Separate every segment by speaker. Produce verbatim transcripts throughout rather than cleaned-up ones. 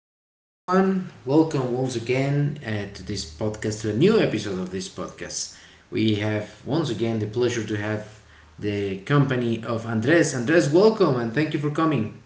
Speaker 1: hello everyone. Welcome once again uh, to this podcast, to a new episode of this podcast. We have once again the pleasure to have the company of Andres. Andres, welcome and thank you for coming.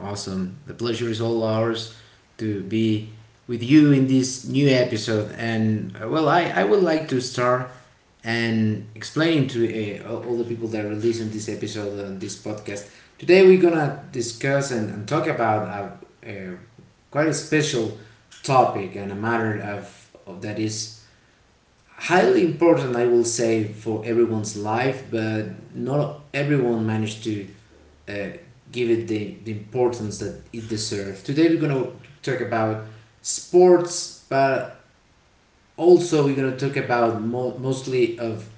Speaker 1: Awesome. The pleasure is all ours to be with you in this new episode. And uh, well, I, I would like to start and explaining to uh, all the people that are listening this episode and this podcast. Today we're gonna discuss and, and talk about a, a quite a special topic and a matter of, of that is highly important, I will say, for everyone's life, but not everyone managed to uh, give it the, the importance that it deserves. Today we're gonna talk about sports, but also we're gonna talk about mo- mostly of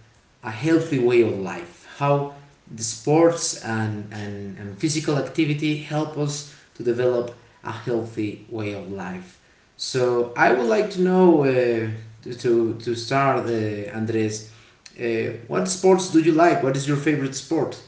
Speaker 1: a healthy way of life, how the sports and, and, and physical activity help us to develop a healthy way of life. So I would like to know, uh, to, to, to start, uh, Andres, uh, what sports do you like? What is your favorite sport?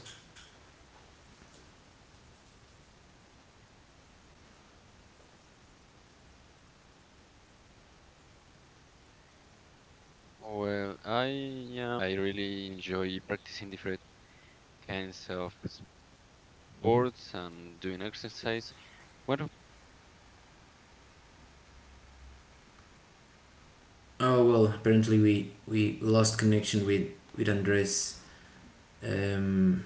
Speaker 1: Oh well, apparently we we lost connection with with Andres. Um,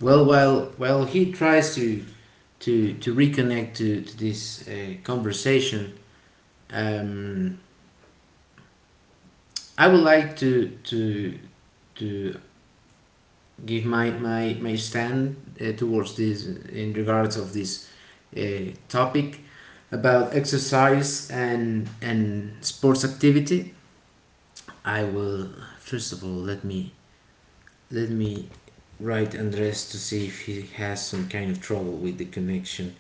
Speaker 1: well while while he tries to to to reconnect to, to this uh, conversation, um, I would like to to to give my my, my stand uh, towards this, in regards of this uh, topic about exercise and and sports activity. I will, first of all, let me let me write Andres to see if he has some kind of trouble with the connection.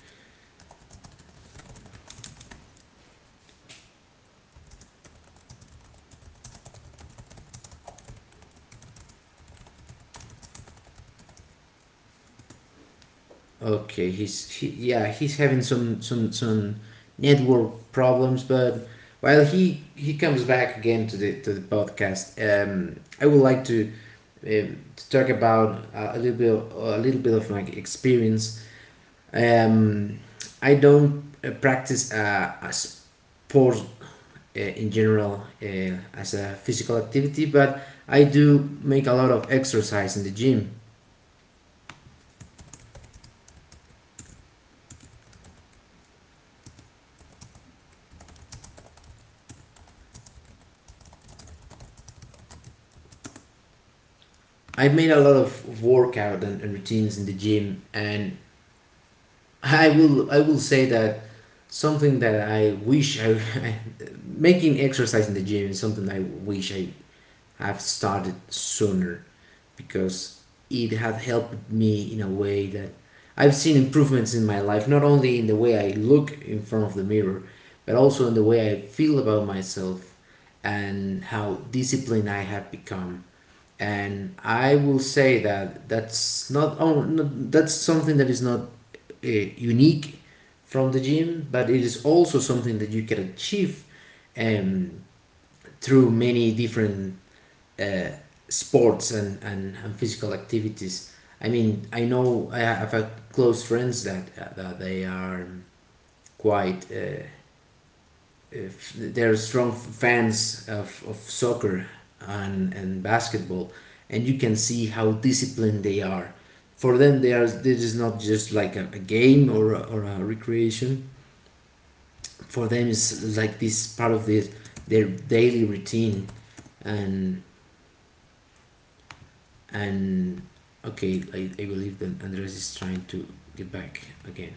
Speaker 1: Okay, he's he, yeah, he's having some some some network problems, but while he he comes back again to the to the podcast, um, I would like to um, to talk about uh, a little bit a little bit of my experience. Um, I don't uh, practice uh, a sport uh, in general uh, as a physical activity, but I do make a lot of exercise in the gym. I made a lot of workout and, and routines in the gym, and I will I will say that something that I wish I, making exercise in the gym is something I wish I have started sooner, because it had helped me in a way that I've seen improvements in my life, not only in the way I look in front of the mirror, but also in the way I feel about myself, and how disciplined I have become. And I will say that that's not, oh, not that's something that is not uh, unique from the gym, but it is also something that you can achieve um, through many different uh, sports and, and, and physical activities. I mean, I know I have a close friends that, uh, that they are quite uh, they're strong fans of, of soccer and, and basketball, and you can see how disciplined they are. For them, they are, this is not just like a, a game or a, or a recreation. For them is like this part of this their daily routine. and and okay, I, I believe that Andres is trying to get back again.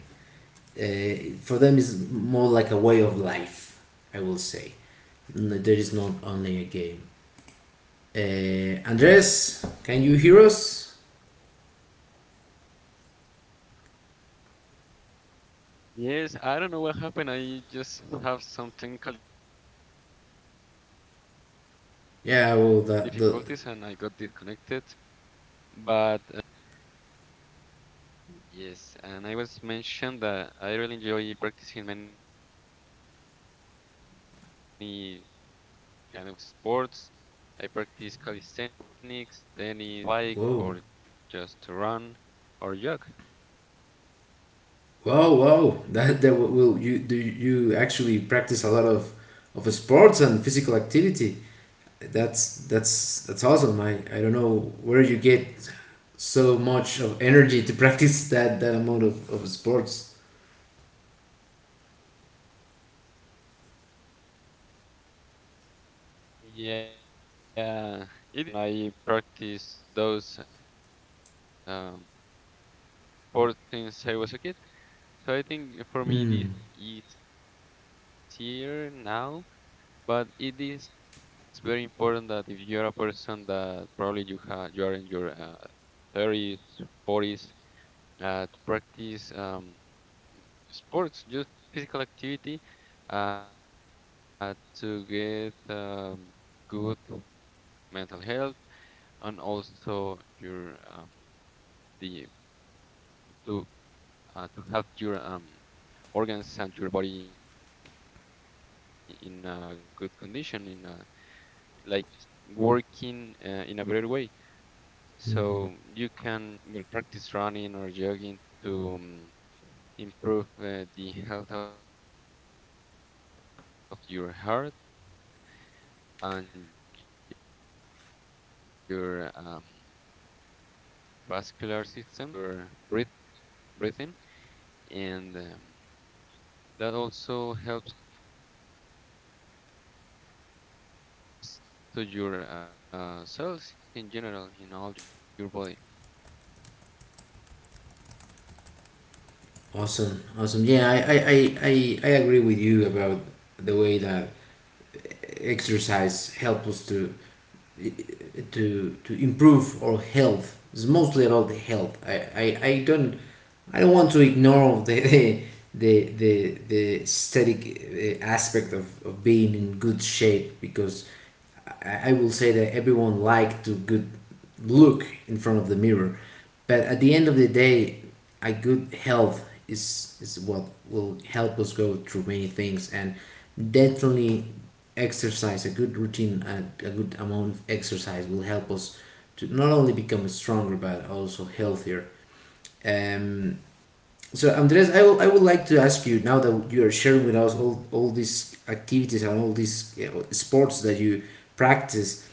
Speaker 1: uh, For them is more like a way of life, I will say. N- there is not only a game. uh, Andres, can you hear us? Yeah, well that the whoa, whoa whoa, that that will, you do you actually practice a lot of of sports and physical activity? That's that's that's awesome. I I don't know where you get so much of energy to practice that that amount of, of sports. Mm. Mm. Awesome, awesome. Yeah, I, I, I, I, agree with you about the way that exercise helps us to to to improve our health. It's mostly about the health. I, I, I don't I don't want to ignore the the the the, the aesthetic uh, aspect of, of being in good shape, because I will say that everyone likes to good look in front of the mirror, but at the end of the day, a good health is is what will help us go through many things. And definitely exercise, a good routine and a good amount of exercise will help us to not only become stronger but also healthier. Um so Andres, i, will, I would like to ask you, now that you are sharing with us all all these activities and all these, you know, sports that you practice,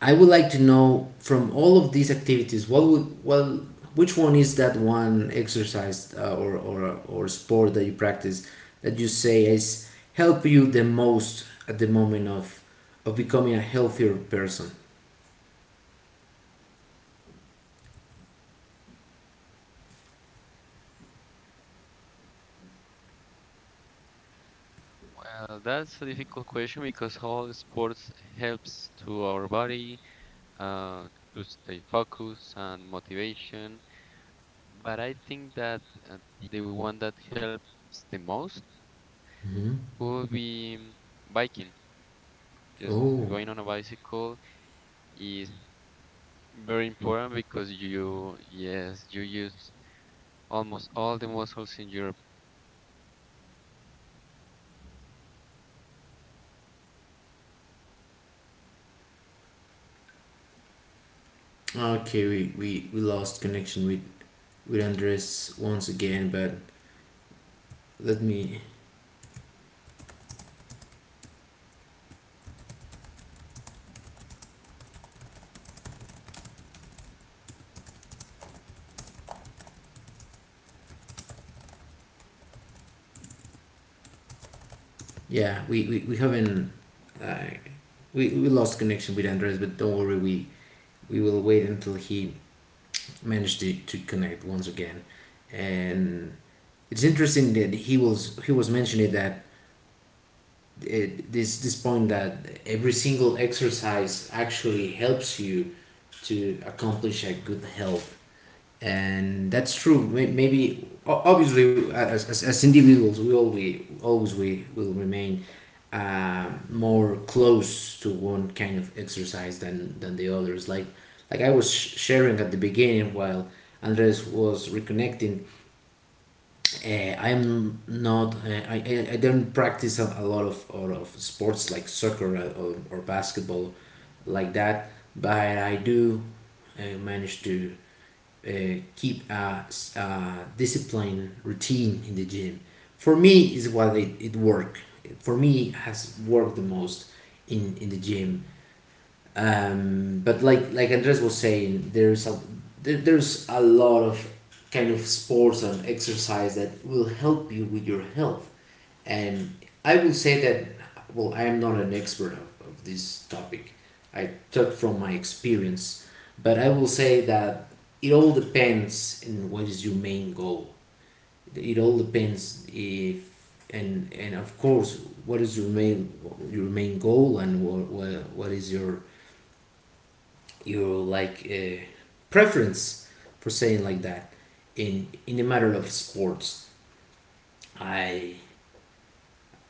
Speaker 1: I would like to know from all of these activities, what would, well, which one is that one exercise, uh, or, or or sport that you practice, that you say is help you the most at the moment of of becoming a healthier person? Hmm. Oh, okay. We, we we lost connection with with Andres once again, but let me. Yeah, we we, we haven't. Uh, we, we lost connection with Andres, but don't worry. We we will wait until he managed to, to connect once again. And it's interesting that he was he was mentioning that it, this this point that every single exercise actually helps you to accomplish a good health. And that's true. May- Maybe o- obviously, uh, as, as, as individuals, we always always we will remain uh, more close to one kind of exercise than than the others. Like like I was sh- sharing at the beginning while Andres was reconnecting. Uh, I'm not. Uh, I I- I don't practice a, a lot of lot of sports like soccer or, or basketball like that, but I do uh, manage to uh, keep a, a discipline routine in the gym. For me, is what it, it worked. For me, it has worked the most in, in the gym. Um, but like like Andres was saying, there's a there, there's a lot of kind of sports and exercise that will help you with your health. And I will say that, well, I am not an expert of, of this topic. I took from my experience, but I will say that it all depends on what is your main goal. It all depends if, and and of course, what is your main, your main goal, and what what, what is your your like uh, preference, for saying like that, in in the matter of sports. I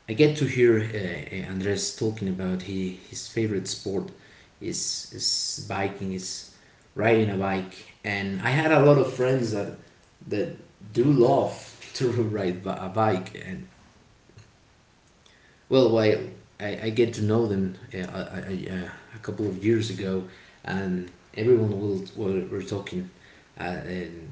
Speaker 1: I get to hear, uh, uh, Andres talking about he, his favorite sport is is biking, is riding a bike, and I had a lot of friends that that do love to ride a bike. And well, while I, I get to know them, uh, I, I, uh, a couple of years ago, and everyone will, were, were talking, uh, um,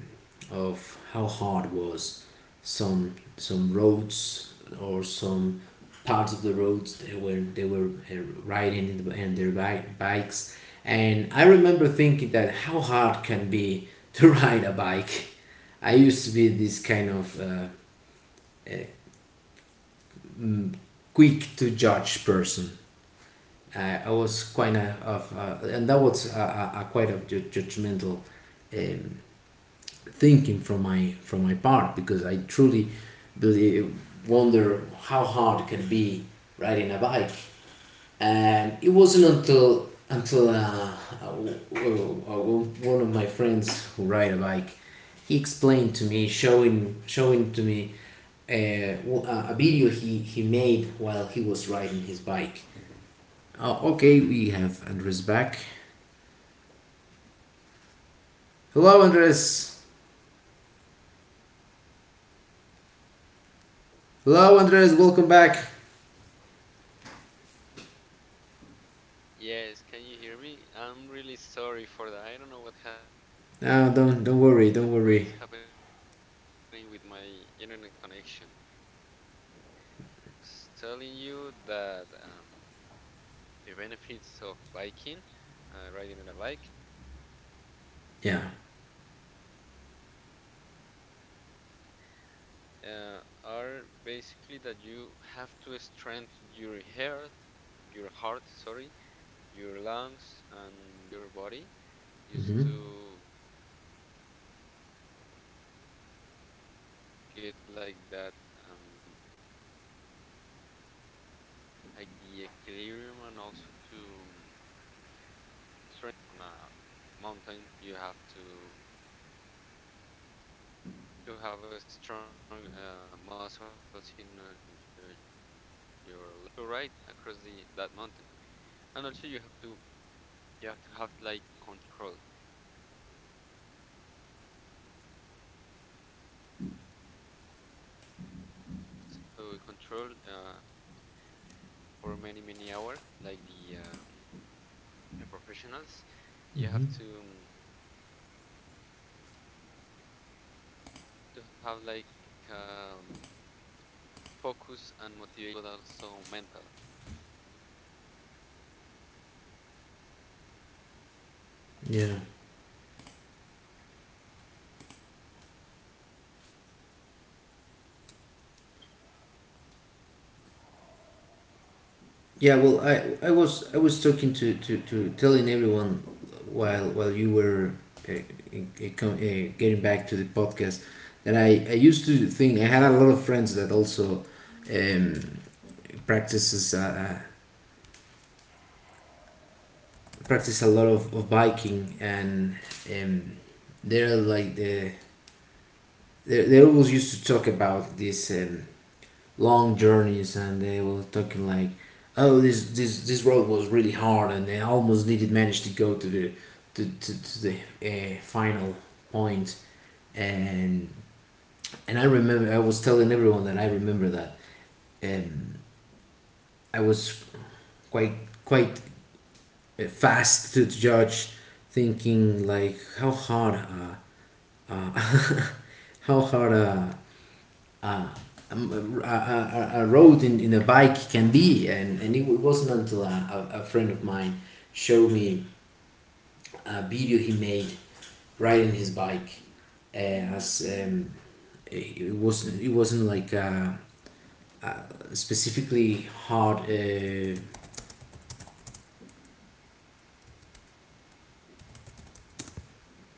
Speaker 1: of how hard was some some roads, or some parts of the roads they were they were uh, riding in the, in their bike, bikes. And I remember thinking that, how hard can be to ride a bike? I used to be this kind of uh, uh, mm, quick to judge person. I, I was quite a, of, uh, and that was a, a, a quite of ju- judgmental um, thinking from my from my part, because I truly believe, wonder how hard it can be riding a bike. And it wasn't until until uh, uh, one of my friends who ride a bike, he explained to me, showing showing to me uh, w- a a video he, he made while he was riding his bike. Uh, okay, we have Andres back. Hello, Andres. Hello, Andres. Welcome back. No, don't don't worry. Don't worry. Yeah. Mm-hmm. Mm-hmm. Yeah. Yeah. Well, I I was I was talking to to, to telling everyone while while you were, uh, uh, com- uh, getting back to the podcast, that I I used to think. I had a lot of friends that also um, practices uh, uh, practice a lot of, of biking, and um, they're like the they they always used to talk about this um, long journeys, and they were talking like, oh, this this this road was really hard and they almost didn't manage to go to the to, to, to the uh, final point. and and I remember I was telling everyone that I remember that, um, I was quite quite uh, fast to judge, thinking like, how hard uh, uh, how hard a uh, um, a, a, a road in, in a bike can be. And, and it wasn't until a, a, friend of mine showed me a video he made riding his bike, uh, as um, it wasn't it wasn't like uh, uh, specifically hard. uh,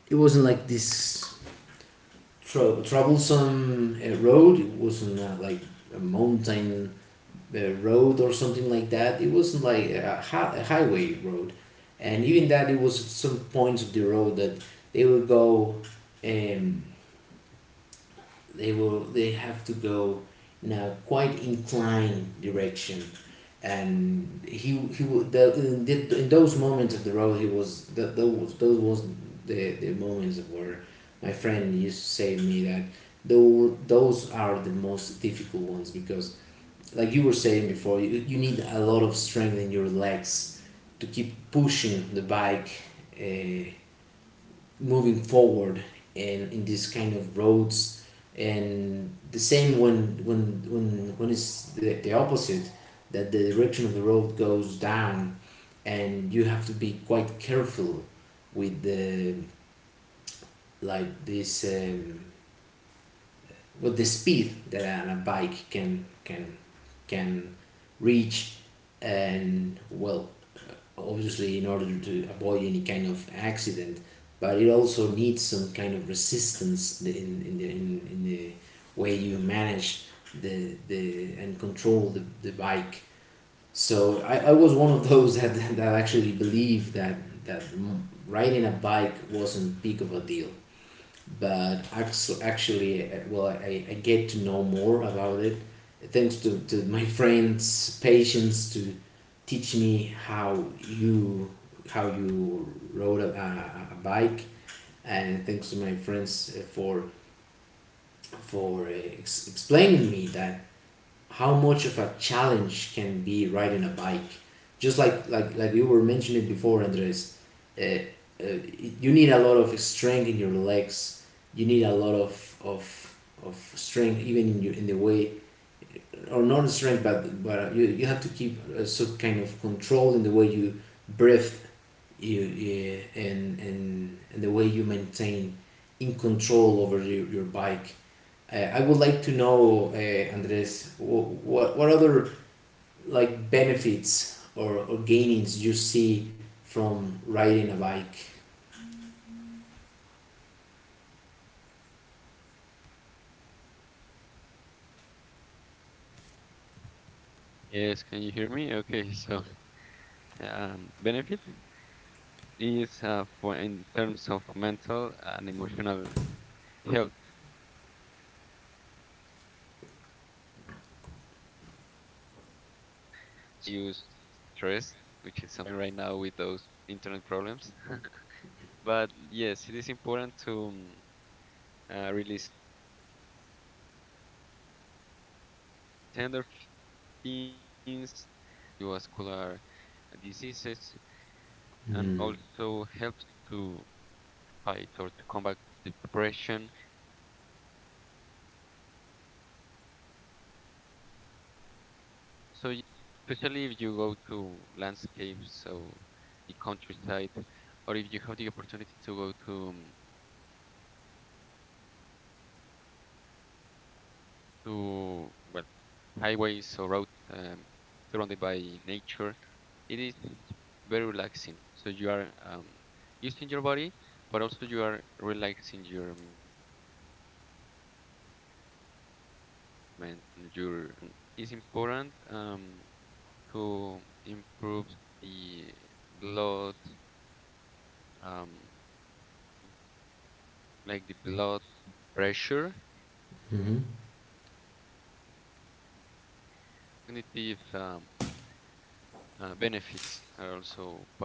Speaker 1: it wasn't like this tro- troublesome uh, road. It wasn't uh, like a mountain uh, road or something like that. It wasn't like a, hi- a highway road, and even that it was some points of the road that they will go, um, they will they have to go in a quite inclined direction, and he he wa- the, in, the, in those moments of the road he was that those those was the the moments where my friend used to say to me that though those are the most difficult ones because like you were saying before, you, you need a lot of strength in your legs to keep pushing the bike uh, moving forward and in these kind of roads. And the same when when when when it's the, the opposite, that the direction of the road goes down and you have to be quite careful with the like this um, with the speed that a bike can can can reach, and well, obviously in order to avoid any kind of accident, but it also needs some kind of resistance in in the in, in the way you manage the the and control the, the bike. So I, I was one of those that that actually believed that that riding a bike wasn't big of a deal, but actually, uh, well, I, I get to know more about it thanks to, to my friends' patience to teach me how you how you rode a, a, bike, and thanks to my friends uh, for for uh, ex- explaining me that how much of a challenge can be riding a bike, just like like like you were mentioning before, Andres. uh, uh, you need a lot of strength in your legs, you need a lot of of of strength even in, your, in the way, or not strength but but you, you have to keep uh, some kind of control in the way you breathe. You, you and, and and the way you maintain in control over your, your bike. uh, I would like to know, uh, Andres, what, what what other like benefits or, or gainings you see from riding a bike?
Speaker 2: Yes, can you hear me? Okay, so thank you so much. I think that one of the most important um, benefit is uh, for in terms of mental and emotional health. So basically, it is important to um, uh, reduce stress, which is something that I'm having right now with those internet problems. But yes, it is important to um, uh, release endorphins to lower cortisol, which is something that is related to cardiovascular diseases,
Speaker 1: Mm-hmm.
Speaker 2: and also helps to fight or to combat depression. So yes, when you go to ride a bike, you especially if you go to landscapes or the countryside, or if you have the opportunity to go to um, to well highways or roads um, surrounded by nature. It is very relaxing. So you are um, using your body, but also you are relaxing your mind, your uh, brain, and your uh, mind. You know, and also it's important um, to improve the blood, um, like the blood pressure and the um, uh, cognitive. Yes, cognitive um,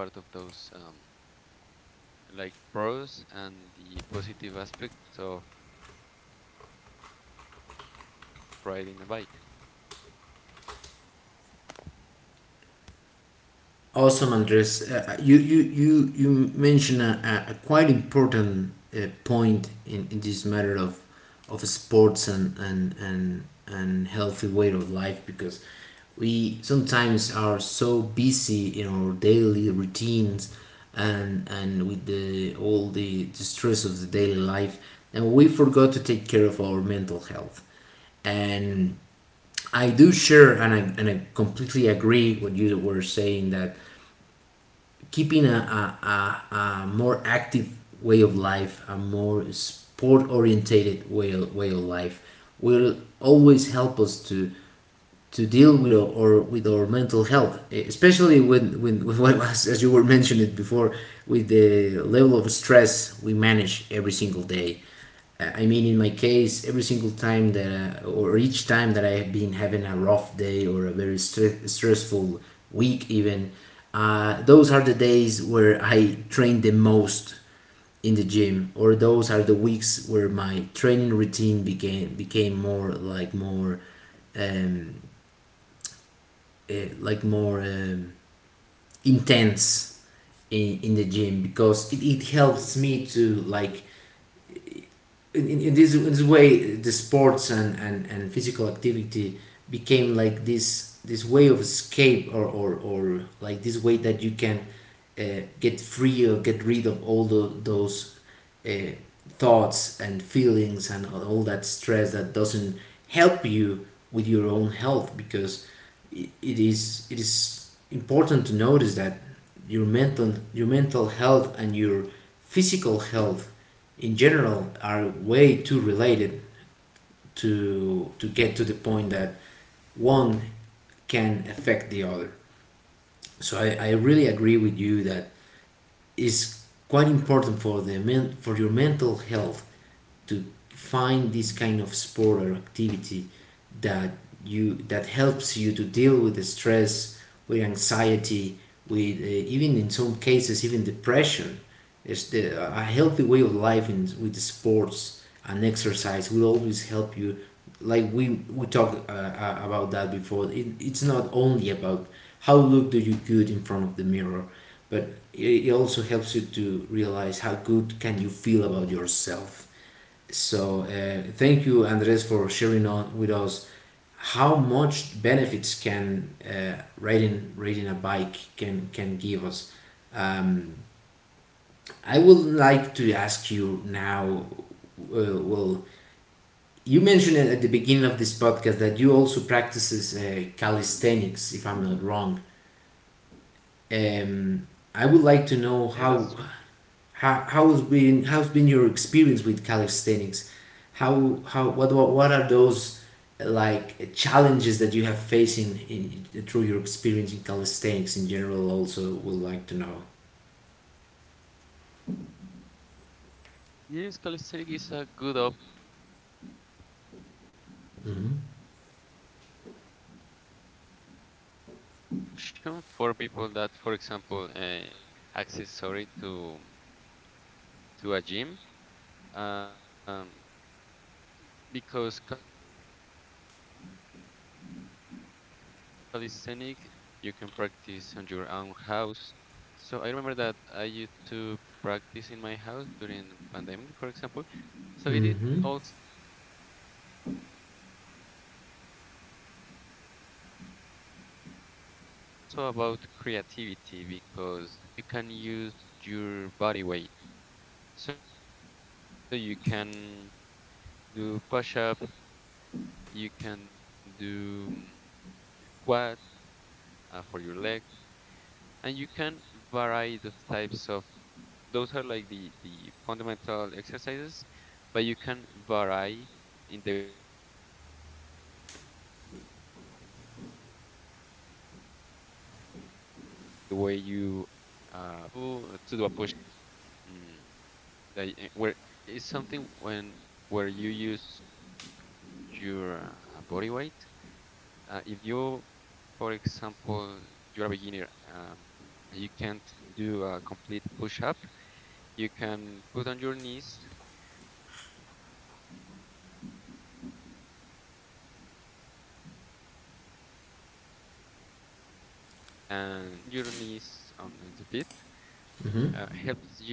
Speaker 2: uh, benefits are also part of those. Um, like pros and the positive aspects of riding a bike.
Speaker 1: Awesome, Andres. Uh, you you you you mentioned a, a quite important uh, point in, in this matter of of sports and and and and healthy way of life, because we sometimes are so busy in our daily routines and and with the all the, the stress of the daily life, and we forgot to take care of our mental health. And I do share, and I, and I completely agree what you were saying, that keeping a, a, a, a more active way of life, a more sport orientated way, way of life, will always help us to to deal with our, or with our mental health, e, especially when, when, when as you were mentioning before, with the level of stress we manage every single day. Uh, I mean, in my case, every single time that, I, or each time that I have been having a rough day or a very st stressful week, even, uh, those are the days where I train the most in the gym, or those are the weeks where my training routine became became more like more um, uh, like more um, intense in, in the gym, because it, it helps me to like in, in, this in this way, the sports and, and, and physical activity became like this this way of escape, or, or, or like this way that you can uh, get free or get rid of all the, those uh, thoughts and feelings and all that stress that doesn't help you with your own health, because it, it is it is important to notice that your mental your mental health and your physical health in general are way too related to to get to the point that one can affect the other. So I, I really agree with you that it's quite important for the men, for your mental health to find this kind of sport or activity that you that helps you to deal with the stress, with anxiety, with uh, even in some cases even depression. Is the a healthy way of life in, with the sports and exercise will always help you, like we we talked uh, uh, about that before. It, it's not only about how look do you good in front of the mirror, but it, it also helps you to realize how good can you feel about yourself. So uh, thank you, Andres, for sharing on with us how much benefits can uh, riding riding a bike can can give us. Um, I would like to ask you now. Uh, well, you mentioned at the beginning of this podcast that you also practices uh, calisthenics, if I'm not wrong. Um, I would like to know how How
Speaker 2: Yeah,
Speaker 1: how's
Speaker 2: that's true.
Speaker 1: been how's been your experience with calisthenics? How how what what, what are those uh, like challenges that you have faced in, in through your experience in calisthenics in general? Also, would like to know.
Speaker 2: Yes, calisthenics is a good option
Speaker 1: Mm-hmm.
Speaker 2: for people that, for example, uh, for any or any other reason don't have accent access, sorry, to to a gym. Um, because calisthenic, uh, you can practice calisthenic uh, in park. You can practice on your own house. So I remember that I used to practice in my house during
Speaker 1: Mm-hmm.
Speaker 2: pandemic, for example. So it is also about creativity because mm, probably you don't have the equipment, the necessary equip- equipment, but you can use your body weight. So you can do push up, you can do mm, squats uh, for your legs, and you can vary those types of those are like the the fundamental exercises, but you can vary in the way you uh, perform those exercises. So, for example, if you to do a push-up, which is something mm, that y- where is something when where you use your uh, body weight. Uh, if you, for example, you're a beginner, um, you can't do a complete push-up. You can put on your knees and and try to do in that way. So you putting your knees on, on the feet uh, helps you
Speaker 1: Mm-hmm.
Speaker 2: to um,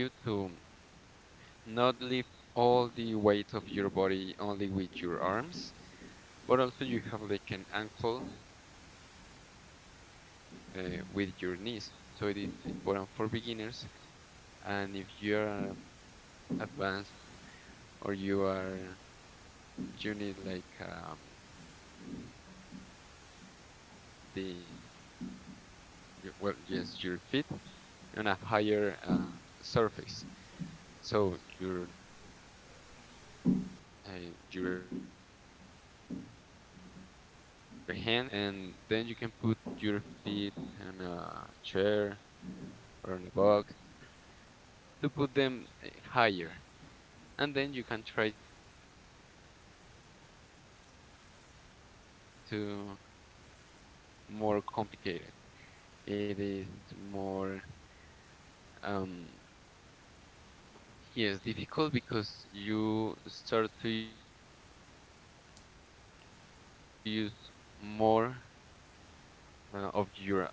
Speaker 2: not lift all the weight of your body only with your arms, but also you have like an ankle uh, with your knees. So it is important for beginners, and if you are advanced or you are you need like um, challenge for you, you can put your feet the Your- well, yes, your feet on a higher uh, surface. So your uh, your hands uh, on the on the floor, and then you can put your feet on a chair or on a box to put them uh, higher, and then you can try to do the push-up, and you will notice that it is uh, more complicated. It is more, um, yes, difficult because you start to use more uh, of your,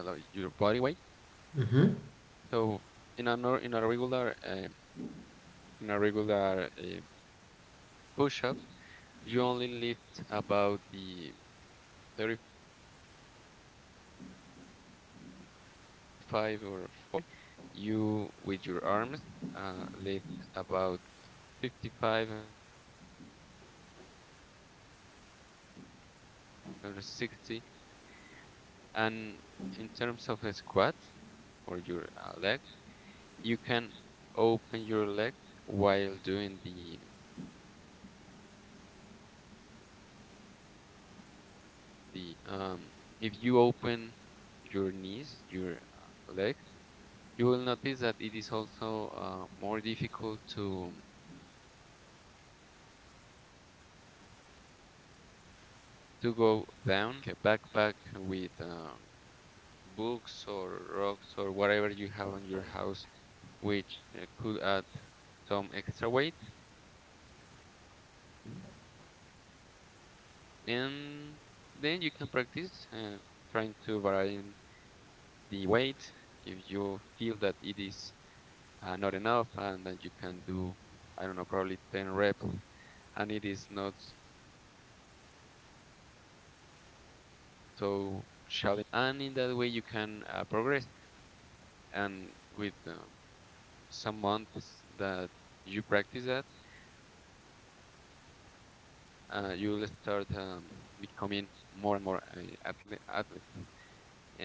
Speaker 2: how to say that, like, your body weight.
Speaker 1: Mm-hmm.
Speaker 2: So in a nor in a regular um, in a regular uh, push-up, you only lift about the thirty-five or forty percent of your body weight. But in that way I mentioned before, you with your arms uh, lift about fifty-five or sixty, depending on how high you put your leg. And in terms of a squat or your uh, leg, you can open your leg while doing the the the, the squat. When you go down, um, if you open your knees, your uh, leg, you will notice that it is also uh, more difficult to to go down and then up. And also you can use something like a backpack with um, books or rocks or whatever you have on your house, which uh, could add some extra weight. And then you can practice uh, trying to vary the weight. If you feel that it is uh, not enough and that you can do, I don't know, probably ten reps, and it is not so challenging for you, you can add more weight. And in that way you can uh, progress, and with uh, some months that you practice that, uh, you will start um, becoming more and more a athlete, athlete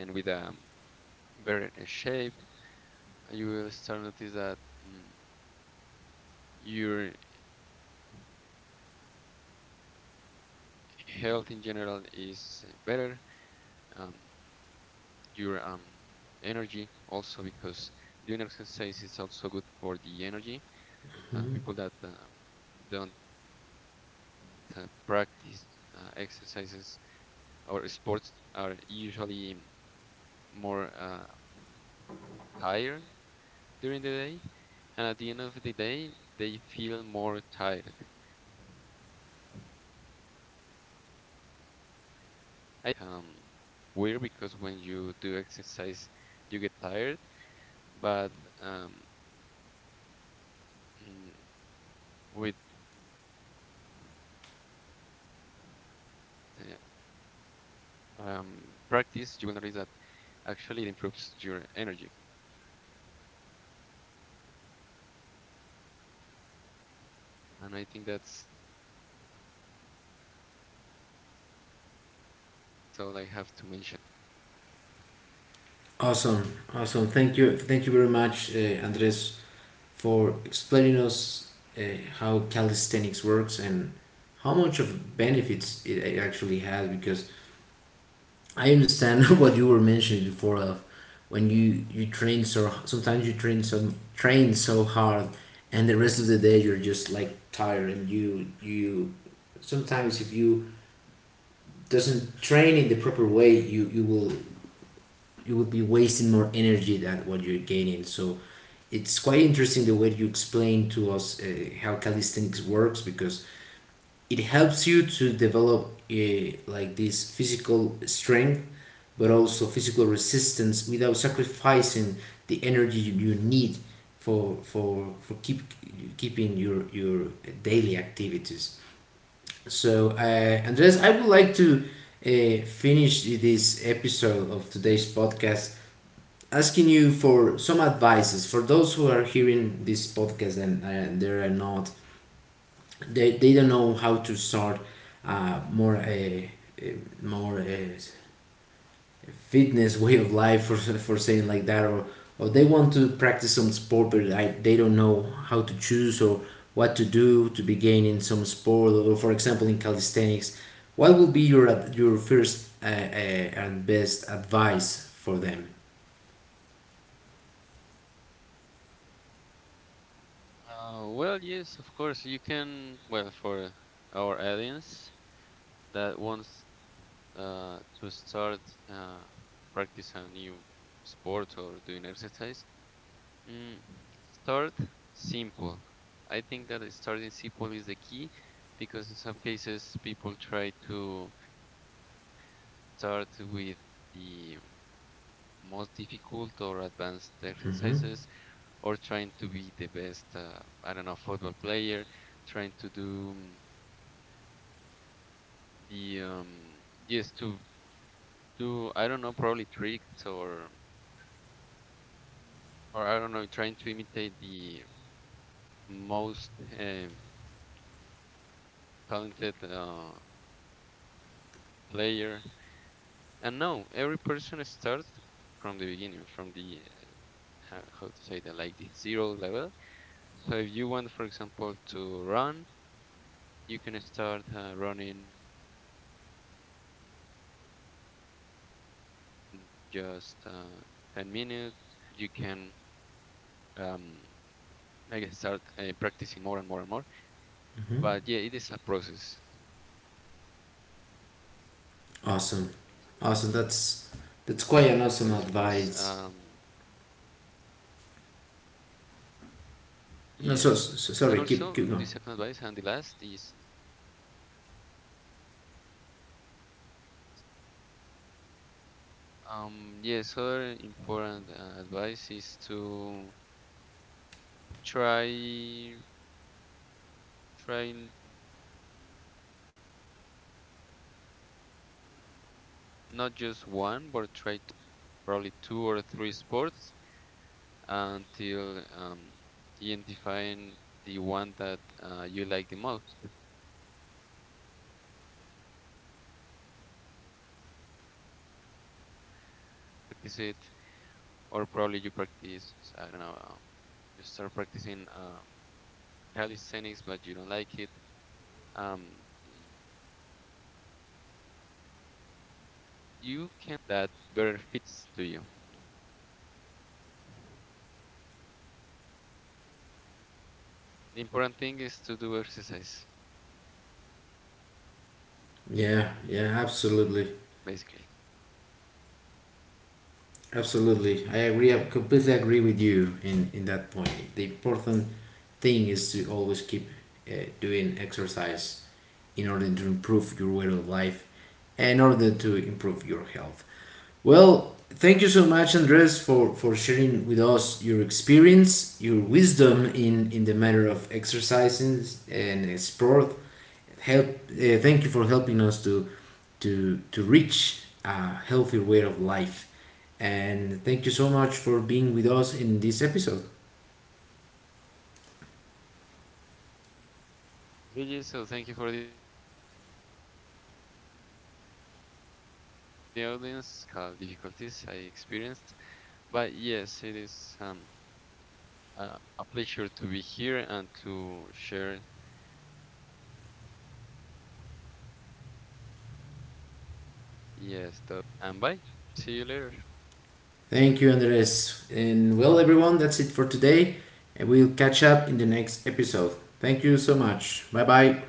Speaker 2: and with a better shape. You will start notice that, mm, your health in general is better, um, your um, energy also, because doing exercise is also good for the energy.
Speaker 1: Hmm.
Speaker 2: Uh, people that uh, don't uh, practice uh, exercises or sports are usually, mm, more uh, tired during the day, and at the end of the day, they feel more tired. I think it. I know it um, sounds like, um, weird, because when you do exercise, you get tired, but um, mm, with uh, um, practice, you will notice that actually it improves your energy. And I think that's all I have to mention. Do you have something to add?
Speaker 1: Awesome, awesome. Thank you, thank you very much, uh, Andres, for explaining us uh, how calisthenics works and how much of benefits it it actually has, because I understand what you were mentioning before of when you you train so sometimes you train so train so hard and the rest of the day you're just like tired, and you you sometimes if you doesn't train in the proper way, you you will you will be wasting more energy than what you're gaining. So it's quite interesting the way you explain to us uh, how calisthenics works, because it helps you to develop uh, like this physical strength but also physical resistance without sacrificing the energy you need for for for keep keeping your your daily activities. So uh, Andres, I would like to uh, finish this episode of today's podcast asking you for some advices for those who are hearing this podcast and uh, they are not they, they don't know how to start uh, more a uh, more uh, fitness way of life, for for saying like that, or or they want to practice some sport but I, they don't know how to choose or what to do to begin in some sport, or for example in calisthenics, what will be your ad- your first uh, uh, and best advice for them?
Speaker 2: Uh, well, yes, of course you can. Well, for our audience that wants uh, to start uh, practice a new sport or doing exercise, mm, start simple. I think that starting simple is the key, because in some cases people try to start with the most difficult or advanced exercises,
Speaker 1: Mm-hmm.
Speaker 2: or trying to be the best, uh, I don't know, football player, trying to do, mm, the um yes to do, I don't know, probably tricks, or or I don't know, trying to imitate the most um, talented uh, player. And no, every person starts from the beginning, from the, how, how to say that, like the zero level. So if you want, for example, to run, you can start uh, running just uh, ten minutes, probably one or two kilometers, and then you can, um, like, start uh, practicing more and more and more. But yeah, it is a
Speaker 1: Mm-hmm.
Speaker 2: process, so it's important to to keep that in mind, and
Speaker 1: Awesome,
Speaker 2: also to
Speaker 1: awesome,
Speaker 2: practice.
Speaker 1: that's
Speaker 2: Um,
Speaker 1: that's quite an awesome advice.
Speaker 2: yes,
Speaker 1: No,
Speaker 2: and
Speaker 1: so, so
Speaker 2: also the
Speaker 1: sorry,
Speaker 2: second
Speaker 1: keep keep
Speaker 2: advice
Speaker 1: going.
Speaker 2: and the last is, yes, Sammy. Um, yes, other important uh, advice is to try try n- not just one, but try to um, to practice, um, probably two or three sports, until um, identifying the one that uh, you like the most. So probably you don't know if if you like tennis until you practice it, or probably you practice, I don't know. Um, you start practicing, um, calisthenics, but you don't like it. Um, you can try many many sports until you find the one that better fits to you. The important thing is to do exercise, basically.
Speaker 1: Yeah, yeah, absolutely. Absolutely, I agree. I completely agree with you in in that point. The important thing is to always keep uh, doing exercise in order to improve your way of life, and in order to improve your health. Well, thank you so much, Andres, for for sharing with us your experience, your wisdom in in the matter of exercising and sport. Help. Uh, thank you for helping us to to to reach a healthier way of life. And thank you so much for being with us in this episode.
Speaker 2: Okay, so thank you for the audience, so for being here, and sorry again for the technical difficulties I experienced. But yes, it is um, a, a pleasure to be here and to share, yes, those uh, knowledge with you. So thank you so much, and bye. See you later.
Speaker 1: Thank you, Andres. And well, everyone, that's it for today. And we'll catch up in the next episode. Thank you so much. Bye bye.